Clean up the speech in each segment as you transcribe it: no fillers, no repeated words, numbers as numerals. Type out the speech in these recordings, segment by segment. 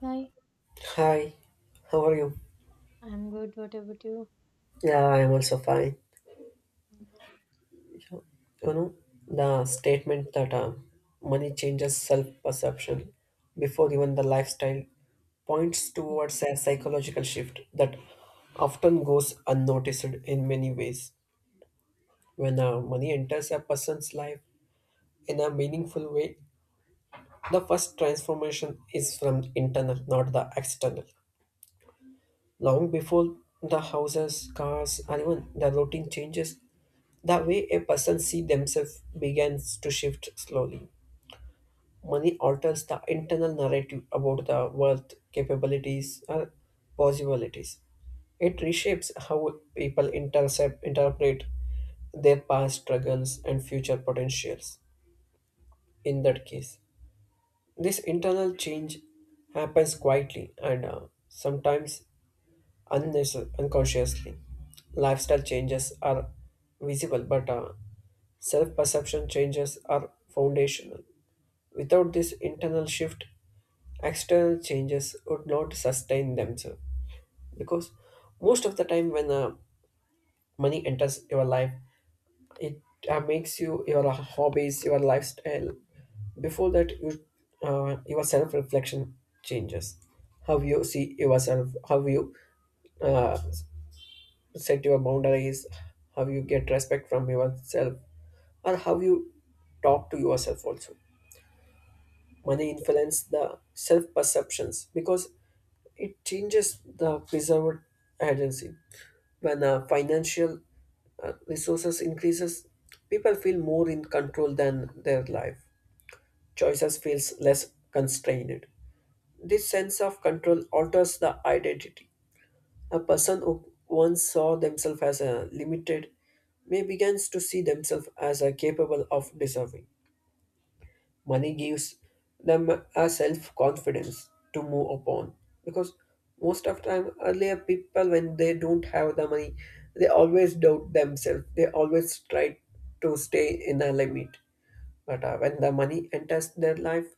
Hi, Hi, how are you? I'm good. What about you? Yeah, I am also fine. You know, the statement that money changes self perception before even the lifestyle points towards a psychological shift that often goes unnoticed in many ways. When money enters a person's life in a meaningful way, the first transformation is from internal, not the external. Long before the houses, cars, and even the routine changes, the way a person sees themselves begins to shift slowly. Money alters the internal narrative about the worth, capabilities, or possibilities. It reshapes how people intercept, interpret their past struggles and future potentials. In that case, this internal change happens quietly and sometimes unconsciously. Lifestyle changes are visible, but self perception changes are foundational. Without this internal shift, external changes would not sustain themselves. Because most of the time, when money enters your life, it makes you your hobbies, your lifestyle. Before that, you, your self reflection changes. How you see yourself, how you uh, set your boundaries, how you get respect from yourself, or how you talk to yourself also. Money influence the self perceptions because it changes the preserved agency. When financial resources increases, people feel more in control than their life. Choices feels less constrained. This sense of control alters the identity. A person who once saw themselves as a limited may begins to see themselves as a capable of deserving. Money gives them a self-confidence to move upon because most of time earlier people when they don't have the money, they always doubt themselves, they always try to stay in a limit, but when the money enters their life,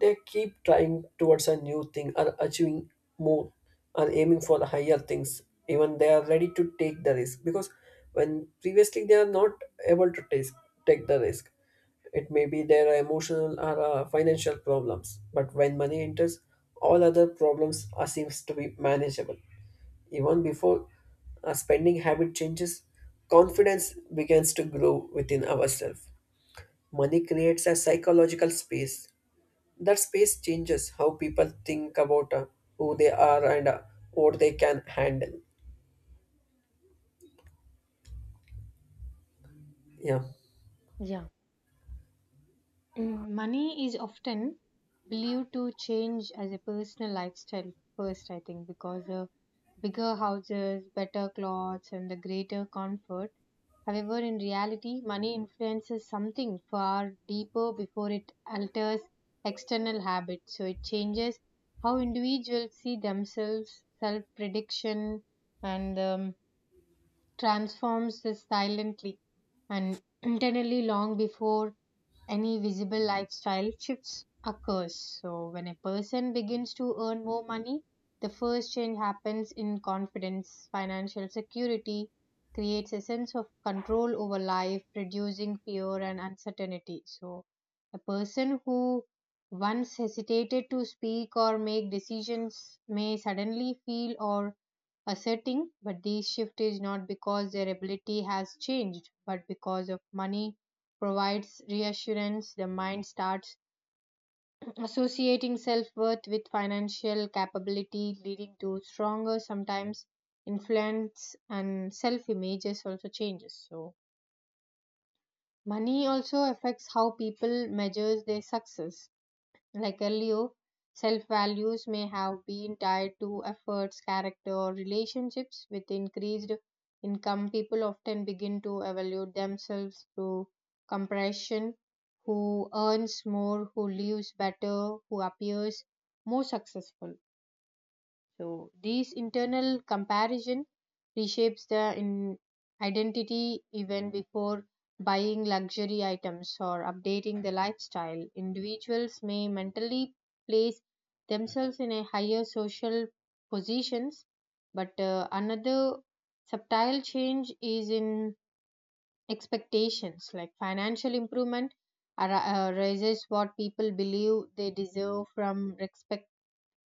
they keep trying towards a new thing or achieving more or aiming for the higher things. Even they are ready to take the risk because when previously they are not able to take, take the risk. It may be their emotional or financial problems, but when money enters, all other problems are, seems to be manageable. Even before a spending habit changes, confidence begins to grow within ourselves. Money creates a psychological space. That space changes how people think about who they are and what they can handle. Yeah, Yeah. Money is often believed to change as a personal lifestyle first, I think, because bigger houses, better clothes, and the greater comfort. However, in reality, money influences something far deeper before it alters external habits. So it changes how individuals see themselves, self prediction, and transforms us silently and internally long before any visible lifestyle shifts occurs. So when a person begins to earn more money, the first change happens in confidence. Financial security creates a sense of control over life, reducing fear and uncertainty. So a person who once hesitated to speak or make decisions may suddenly feel or asserting but this shift is not because their ability has changed but because of money provides reassurance, the mind starts associating self worth with financial capability, leading to stronger, sometimes influence and self images also changes. So money also affects how people measures their success like earlier, self values may have been tied to efforts, character, or relationships. With increased income, people often begin to evaluate themselves through comparison who earns more, who lives better, who appears more successful. So these internal comparison reshapes the in identity even before buying luxury items or updating the lifestyle. Individuals may mentally place themselves in a higher social positions, but another subtle change is in expectations like financial improvement raises what people believe they deserve from respect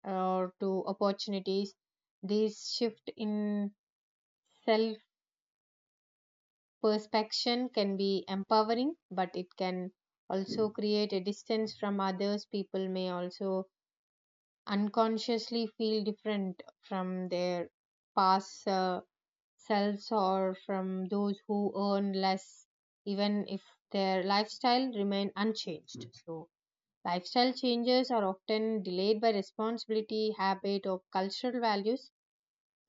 or to opportunities. This shift in self perception can be empowering, but it can also create a distance from others. People may also unconsciously feel different from their past selves or from those who earn less, even if their lifestyle remain unchanged. So lifestyle changes are often delayed by responsibility, habit, or cultural values.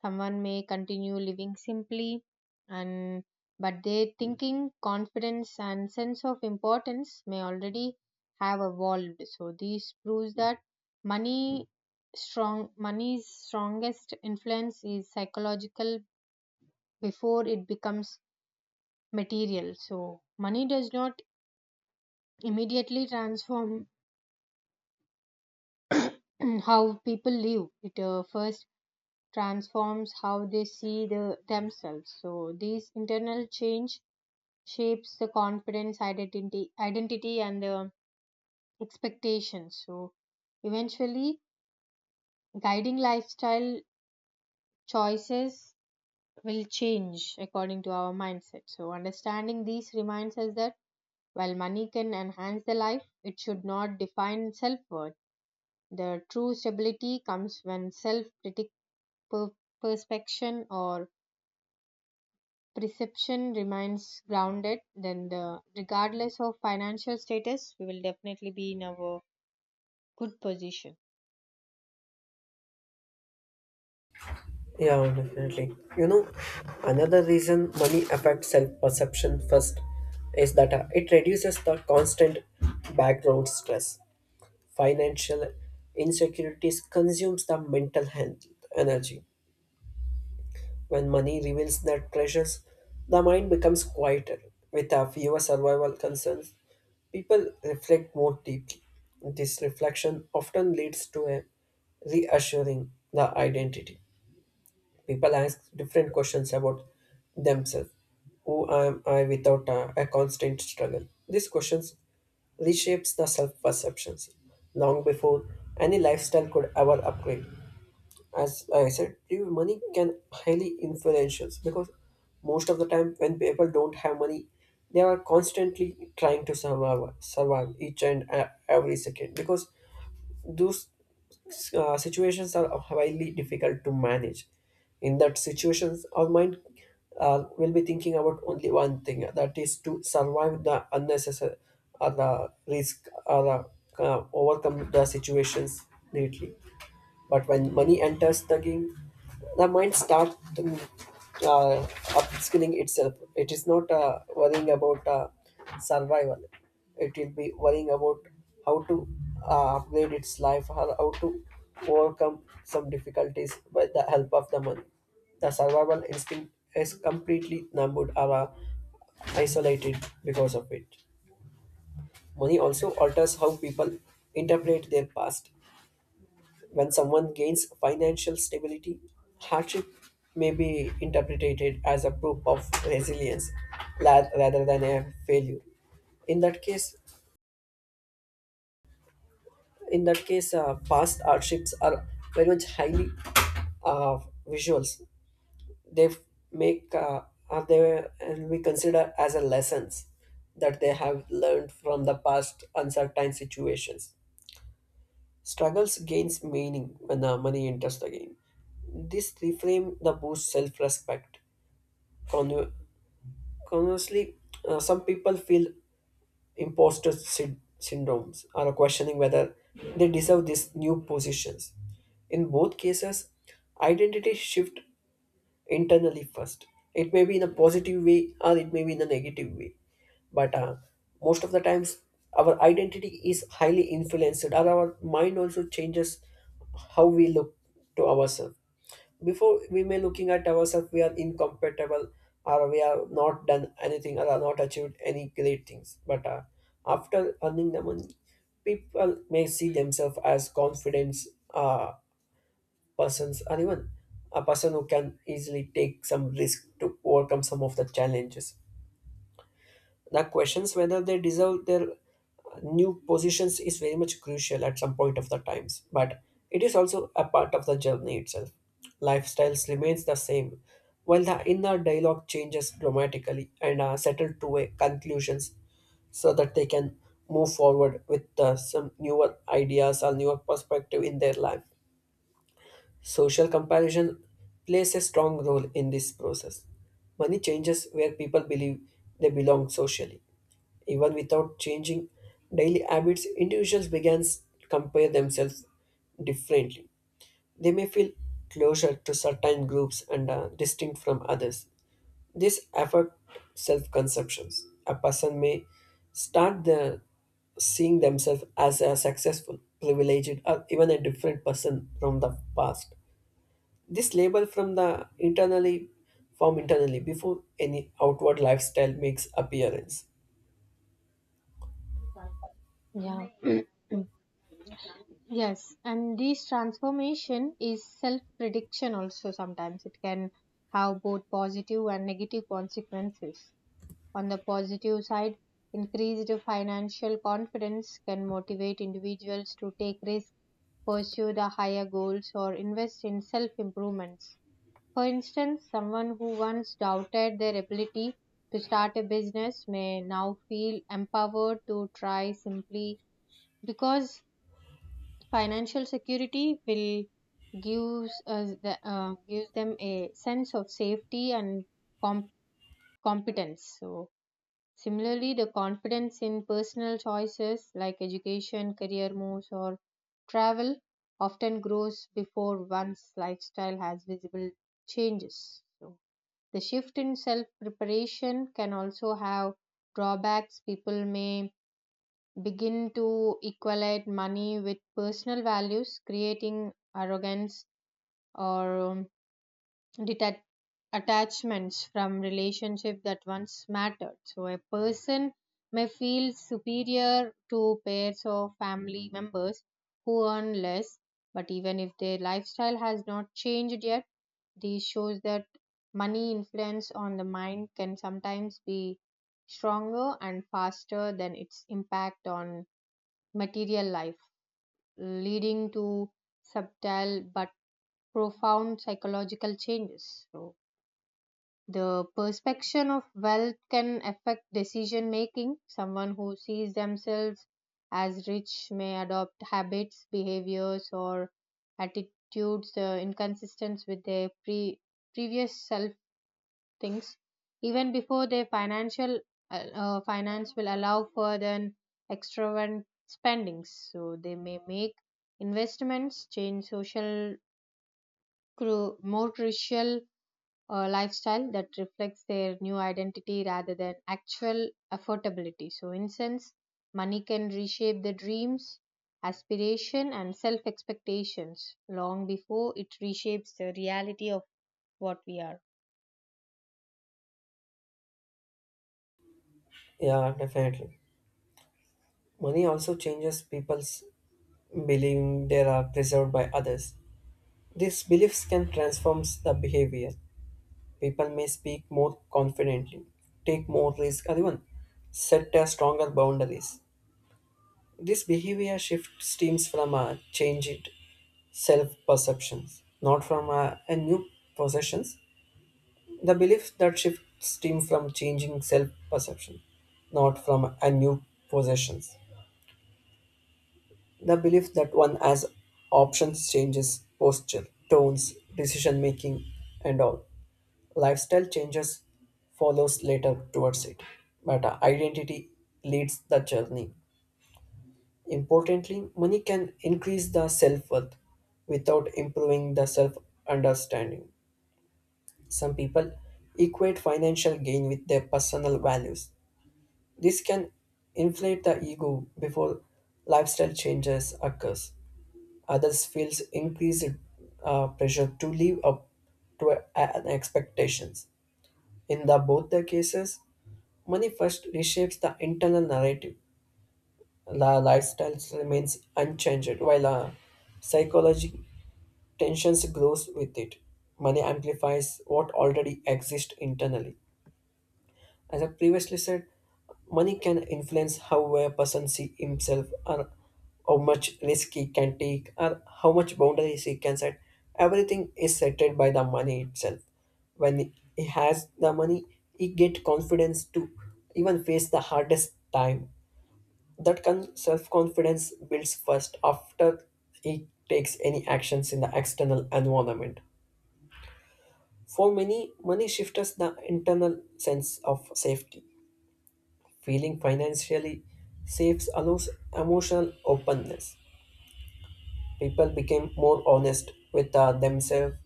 Someone may continue living simply and but their thinking, confidence and sense of importance may already have evolved. So this proves that money strong money's strongest influence is psychological before it becomes material. So money does not immediately transform how people live. It first transforms how they see the themselves so this internal change shapes the confidence identity and expectations so eventually guiding lifestyle choices will change according to our mindset so understanding these reminds us that while money can enhance the life it should not define self-worth the true stability comes when self-critic per- perspection or perception remains grounded then the regardless of financial status we will definitely be in our good position. yeah, definitely. You know, another reason money affects self perception first is that it reduces the constant background stress. Financial insecurities consumes the mental health energy. When money reveals that precious, the mind becomes quieter. With a fewer survival concerns, people reflect more deeply. This reflection often leads to a reassuring the identity. People ask different questions about themselves. Who am I without a constant struggle? These questions reshapes the self-perceptions long before any lifestyle could ever upgrade. As I said to you, money can highly influential because most of the time when people don't have money, they are constantly trying to survive each and every second because those situations are highly difficult to manage. In that situations, our mind will be thinking about only one thing, that is to survive the unnecessary or the risk or overcome the situations neatly. But when money enters the game, the mind starts uh, upskilling itself. It is not worrying about survival. It will be worrying about how to upgrade its life, or how to overcome some difficulties with the help of the money. The survival instinct is completely numbed or isolated because of it. Money also alters how people interpret their past. When someone gains financial stability, hardship may be interpreted as a proof of resilience rather than a failure. In that case, in that case, past hardships are very much highly uh, visuals. They f- Make are they and we consider as a lessons that they have learned from the past uncertain situations. Struggles gains meaning when money enters the game. This reframe the boost self-respect. Con- Conversely, some people feel imposter syndromes are questioning whether they deserve these new positions. In both cases, identity shift internally first. It may be in a positive way or it may be in a negative way. But most of the times, our identity is highly influenced, or our mind also changes how we look to ourselves. Before we may looking at ourselves, we are incompatible or we are not done anything or are not achieved any great things. But after earning the money, people may see themselves as confidence. Uh, Persons or even a person who can easily take some risk to overcome some of the challenges. The questions whether they deserve their new positions is very much crucial at some point of the times, but it is also a part of the journey itself. Lifestyles remains the same, while the inner dialogue changes dramatically and are settled to a conclusions so that they can move forward with some newer ideas or newer perspective in their life. Social comparison plays a strong role in this process. Money changes where people believe they belong socially. Even without changing daily habits, individuals begin to compare themselves differently. They may feel closer to certain groups and distinct from others. This affects self-conceptions. A person may start the, seeing themselves as a successful, privileged, or even a different person from the past, this label from the internally form internally before any outward lifestyle makes appearance. Yeah. Mm. Yes, and this transformation is self prediction also sometimes. It can have both positive and negative consequences. On the positive side, increased financial confidence can motivate individuals to take risks, pursue the higher goals, or invest in self improvements. For instance, someone who once doubted their ability to start a business may now feel empowered to try simply because financial security will gives us the, gives them a sense of safety and com- competence so similarly the confidence in personal choices like education career moves or travel often grows before one's lifestyle has visible changes so the shift in self preparation can also have drawbacks people may begin to equate money with personal values, creating arrogance or deta- attachments from relationship that once mattered. So a person may feel superior to pairs or family members who earn less, but even if their lifestyle has not changed yet, this shows that money influence on the mind can sometimes be stronger and faster than its impact on material life, leading to subtle but profound psychological changes. So, the perception of wealth can affect decision making. Someone who sees themselves as rich may adopt habits, behaviors, or attitudes inconsistent with their previous self things even before their financial finance will allow for then extravagant spendings so they may make investments change social more crucial lifestyle that reflects their new identity rather than actual affordability so in sense money can reshape the dreams aspiration and self expectations long before it reshapes the reality of what we are. Yeah, definitely. Money also changes people's believing they are preserved by others. These beliefs can transform the behavior. People may speak more confidently, take more risk, or even set their stronger boundaries. This behavior shift stems from a changed self perceptions, not from a new possessions. The belief that shifts stem from changing self perception, not from a new possessions. The belief that one has options changes posture, tones, decision making, and all. Lifestyle changes follows later towards it, but identity leads the journey. Importantly, money can increase the self worth without improving the self understanding. Some people equate financial gain with their personal values. This can inflate the ego before lifestyle changes occurs. Others feels increased pressure to live up to an expectations. In the both the cases, money first reshapes the internal narrative. The lifestyle remains unchanged while psychology tensions grows with it. Money amplifies what already exists internally. As I previously said, money can influence how a person sees himself or how much risk he can take or how much boundaries he can set. Everything is settled by the money itself. When he has the money, he get confidence to even face the hardest time. That self-confidence builds first after he takes any actions in the external environment. For many, money shifts the internal sense of safety. Feeling financially safe allows emotional openness. People became more honest with themselves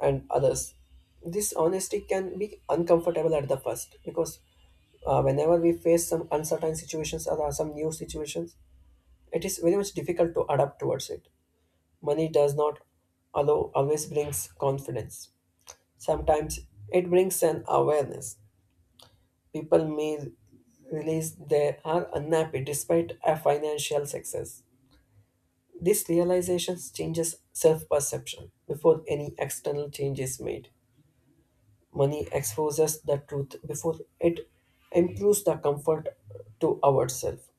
and others. This honesty can be uncomfortable at the first because whenever we face some uncertain situations or some new situations, it is very much difficult to adapt towards it. Money does not allow, always brings confidence. Sometimes it brings an awareness. People may realize they are unhappy despite a financial success. This realization changes self perception before any external change is made. Money exposes the truth before it improves the comfort to ourselves.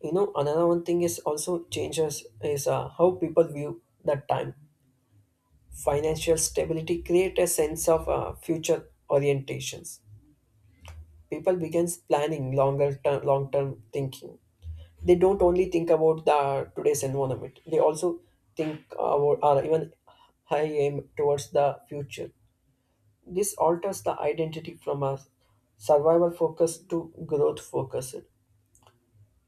You know, another one thing is also changes is how people view the time. Financial stability create a sense of future orientations. People begins planning longer term, long term thinking, they don't only think about the today's environment, they also think about or even high aim towards the future. This alters the identity from a survival focus to growth focused,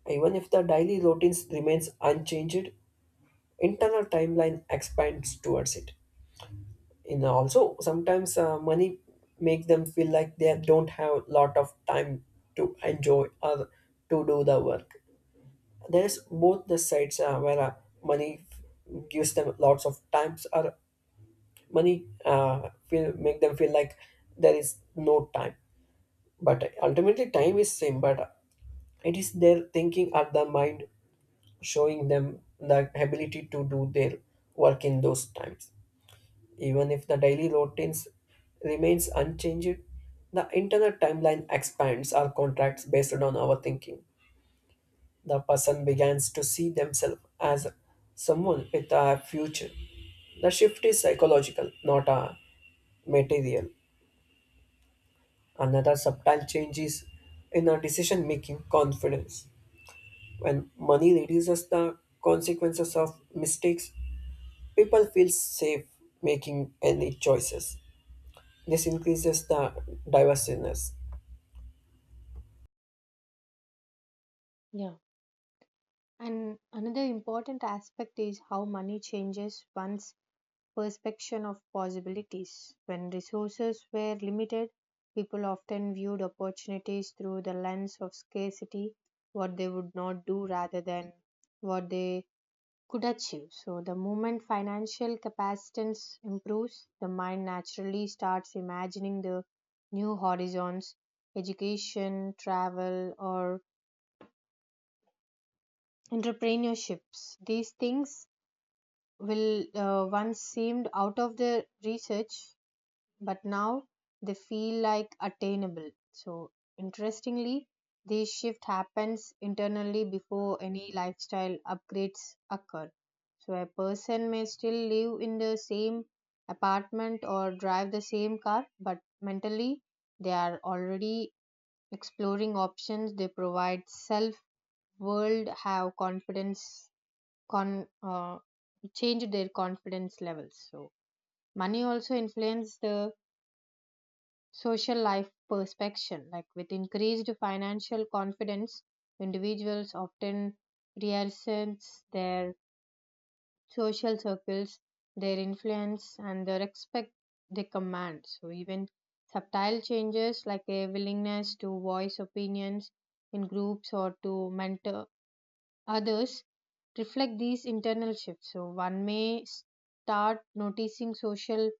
even if the daily routines remains unchanged, internal timeline expands towards it. And also sometimes money make them feel like they don't have lot of time to enjoy or to do the work. There's both the sides where money gives them lots of times or money feel make them feel like there is no time, but ultimately time is same, but it is their thinking or the mind showing them the ability to do their work in those times, even if the daily routines remains unchanged, the internal timeline expands our contracts based on our thinking. The person begins to see themselves as someone with a future. The shift is psychological, not a material. Another subtle change is in our decision making confidence. When money reduces the consequences of mistakes, people feel safe making any choices. This increases the diverseness. Yeah. And another important aspect is how money changes one's perception of possibilities. When resources were limited, people often viewed opportunities through the lens of scarcity, what they would not do rather than what they could achieve. So, the moment financial capacitance improves, the mind naturally starts imagining the new horizons, education, travel, or entrepreneurships. These things will once seemed out of their research, but now they feel like attainable. So, interestingly, this shift happens internally before any lifestyle upgrades occur. So, a person may still live in the same apartment or drive the same car, but mentally they are already exploring options. They provide self world, have confidence con change their confidence levels so money also influences the social life perception like with increased financial confidence individuals often reassess their social circles their influence and the respect they command so even subtle changes like a willingness to voice opinions in groups or to mentor others reflect these internal shifts. So one may start noticing social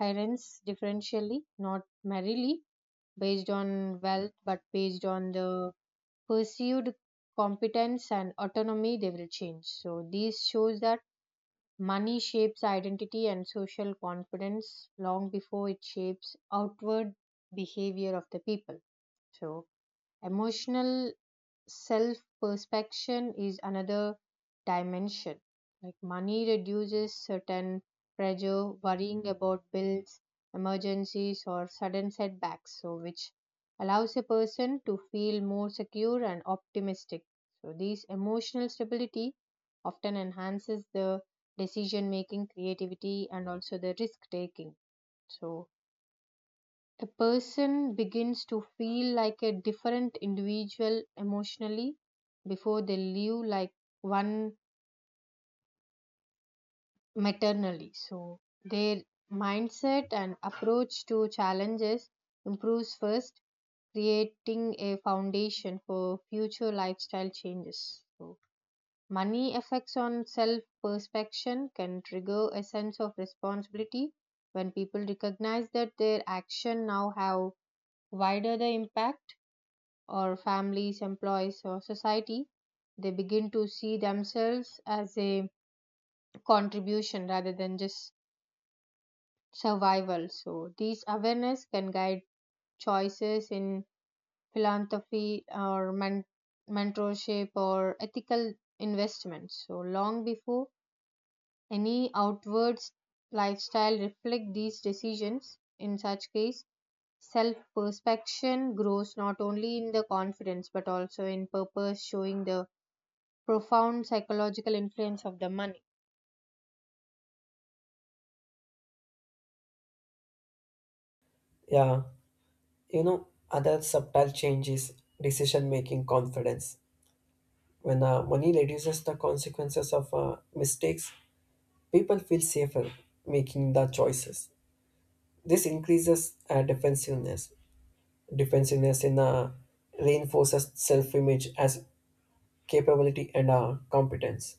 hierarchies differentially, not merely based on wealth, but based on the perceived competence and autonomy they will change. So this shows that money shapes identity and social confidence long before it shapes outward behavior of the people. So emotional self perspection is another dimension. Like money reduces certain pressure, worrying about bills, emergencies, or sudden setbacks, so which allows a person to feel more secure and optimistic. So, these emotional stability often enhances the decision making, creativity, and also the risk taking. So, a person begins to feel like a different individual emotionally before they live like one maternally. So their mindset and approach to challenges improves first, creating a foundation for future lifestyle changes. So money effects on self perception can trigger a sense of responsibility when people recognize that their action now have wider the impact or families, employees, or society, they begin to see themselves as a contribution rather than just survival. So, these awareness can guide choices in philanthropy or mentorship or ethical investments. So, long before any outward lifestyle reflect these decisions, in such case, self perspection grows not only in the confidence but also in purpose, showing the profound psychological influence of the money. Yeah, you know, other subtle change is decision making confidence. When money reduces the consequences of mistakes, people feel safer making the choices. This increases defensiveness. Defensiveness in reinforces self-image as capability and competence.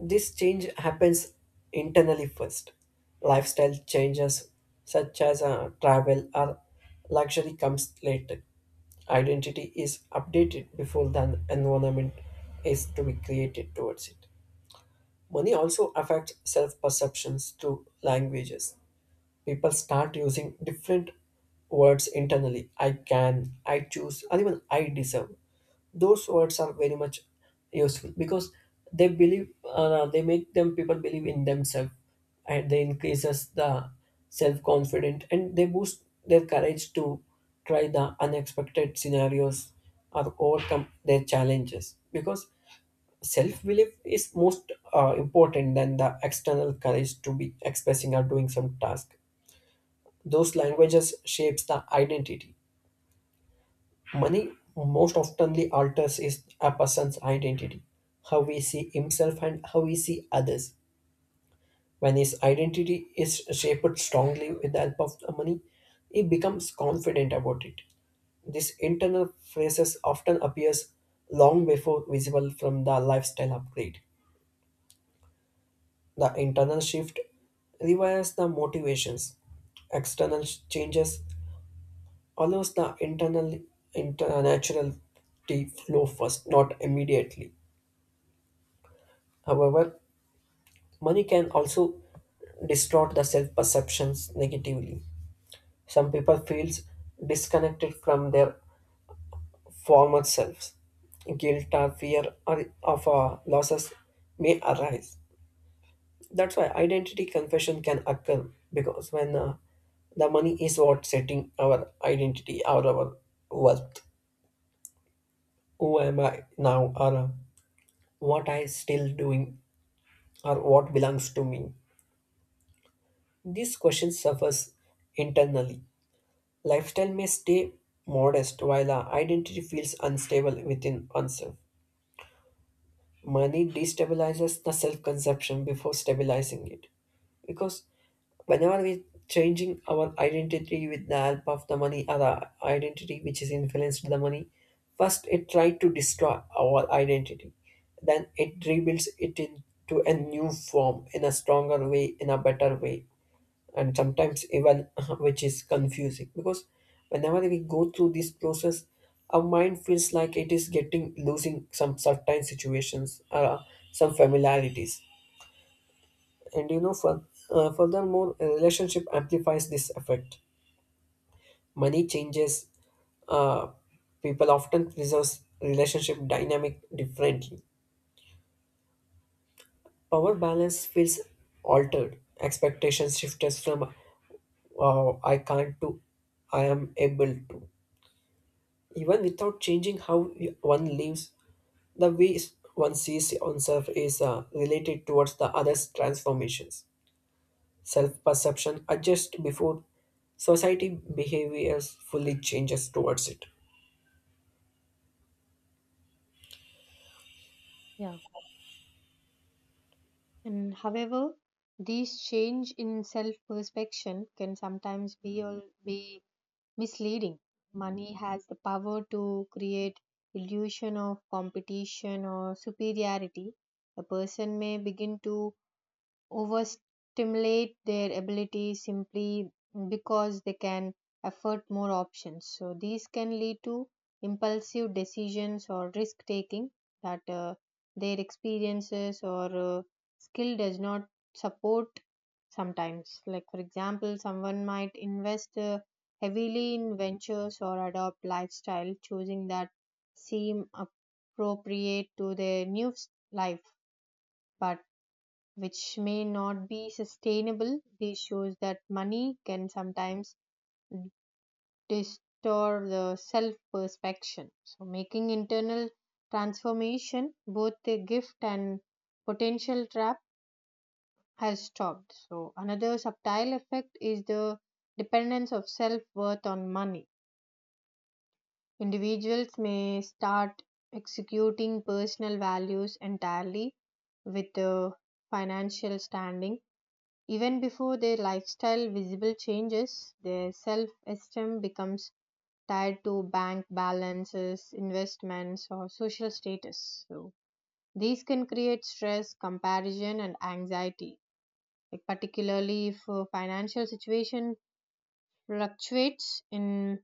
This change happens internally first. Lifestyle changes such as travel or luxury comes later, identity is updated before the environment is to be created towards it. Money also affects self perceptions through languages. People start using different words internally, I can, I choose, and even I deserve. Those words are very much useful because they believe, they make them people believe in themselves and they increases the self confidence and they boost their courage to try the unexpected scenarios or overcome their challenges because self belief is most important than the external courage to be expressing or doing some task. Those languages shapes the identity money most oftenly alters is a person's identity, how we see himself and how we see others. When his identity is shaped strongly with the help of the money, he becomes confident about it. This internal phrases often appears long before visible from the lifestyle upgrade. The internal shift rewires the motivations. Changes allows the internal natural to flow first, not immediately. However, money can also distort the self-perceptions negatively. Some people feels disconnected from their former selves. Guilt or fear of losses may arise. That's why identity confusion can occur because when the money is what setting our identity or our worth. Who am I now or what I still doing or what belongs to me? These questions suffers internally. Lifestyle may stay modest while our identity feels unstable within oneself. Money destabilizes the self-conception before stabilizing it, because whenever we changing our identity with the help of the money or the identity which is influenced the money, first it tried to destroy our identity, then it rebuilds it into a new form in a stronger way in a better way, and sometimes even which is confusing because whenever we go through this process our mind feels like it is getting losing some certain situations, some familiarities. And you know, furthermore, a relationship amplifies this effect. Money changes. Uh, People often preserve relationship dynamic differently. Power balance feels altered. Expectations shift us from "I can't" to "I am able to." Even without changing how one lives, the way one sees oneself is related towards the other's transformations. Self perception adjust before society behaviors fully changes towards it. Yeah. And however, these change in self perception can sometimes be all be misleading. Money has the power to create illusion of competition or superiority. A person may begin to overstimulate their ability simply because they can afford more options. So these can lead to impulsive decisions or risk taking that their experiences or skill does not support sometimes like for example someone might invest heavily in ventures or adopt lifestyle choosing that seem appropriate to their new life but which may not be sustainable. This shows that money can sometimes distort the self perception. So, making internal transformation both a gift and potential trap has stopped. So, another subtle effect is the dependence of self worth on money. Individuals may start executing personal values entirely with the financial standing. Even before their lifestyle visible changes, their self esteem becomes tied to bank balances, investments, or social status. So, these can create stress, comparison, and anxiety, like particularly if financial situation fluctuates. In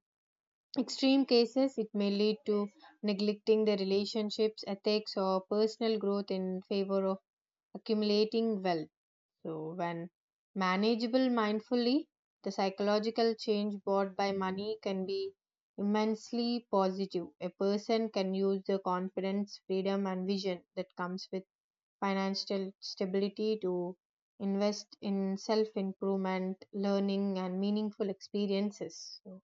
extreme cases, it may lead to neglecting their relationships, ethics, or personal growth in favor of accumulating wealth. So, when manageable mindfully, the psychological change brought by money can be immensely positive. A person can use the confidence, freedom, and vision that comes with financial stability to invest in self improvement, learning, and meaningful experiences. So,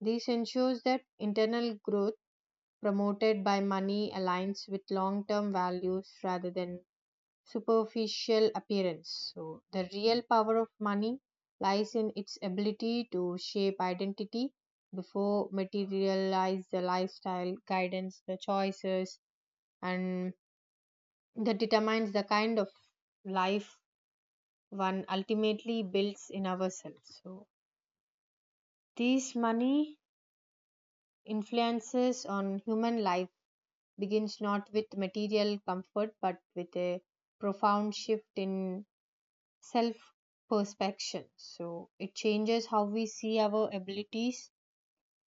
this ensures that internal growth promoted by money aligns with long term values rather than superficial appearance. So, the real power of money lies in its ability to shape identity before materialize the lifestyle, guidance, the choices, and that determines the kind of life one ultimately builds in ourselves. So, these money influences on human life begins not with material comfort but with a profound shift in self perspection so it changes how we see our abilities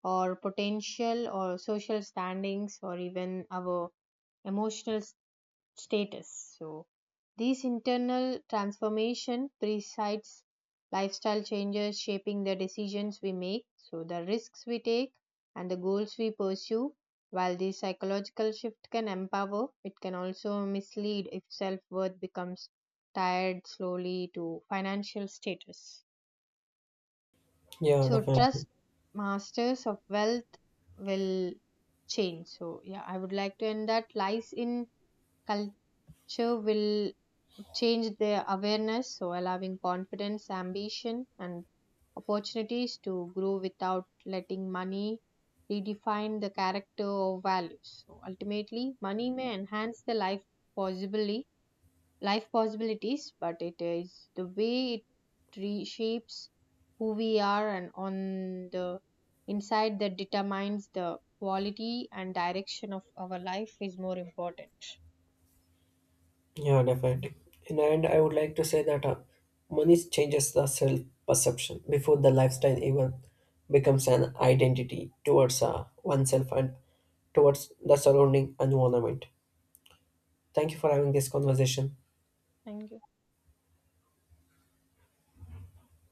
or potential or social standings or even our emotional status. So, these internal transformation presides lifestyle changes shaping the decisions we make, so the risks we take and the goals we pursue. While this psychological shift can empower, it can also mislead if self worth becomes tied slowly to financial status. Yeah, So definitely. trust masters of wealth will change. So yeah, I would like to end that lies in culture will change their awareness, so allowing confidence, ambition, and opportunities to grow without letting money redefine the character or values. So ultimately, money may enhance the life possibly life possibilities, but it is the way it reshapes who we are and on the inside that determines the quality and direction of our life is more important. Yeah, definitely. In the end, I would like to say that money changes the self perception before the lifestyle even becomes an identity towards oneself and towards the surrounding environment. Thank you for having this conversation. Thank you.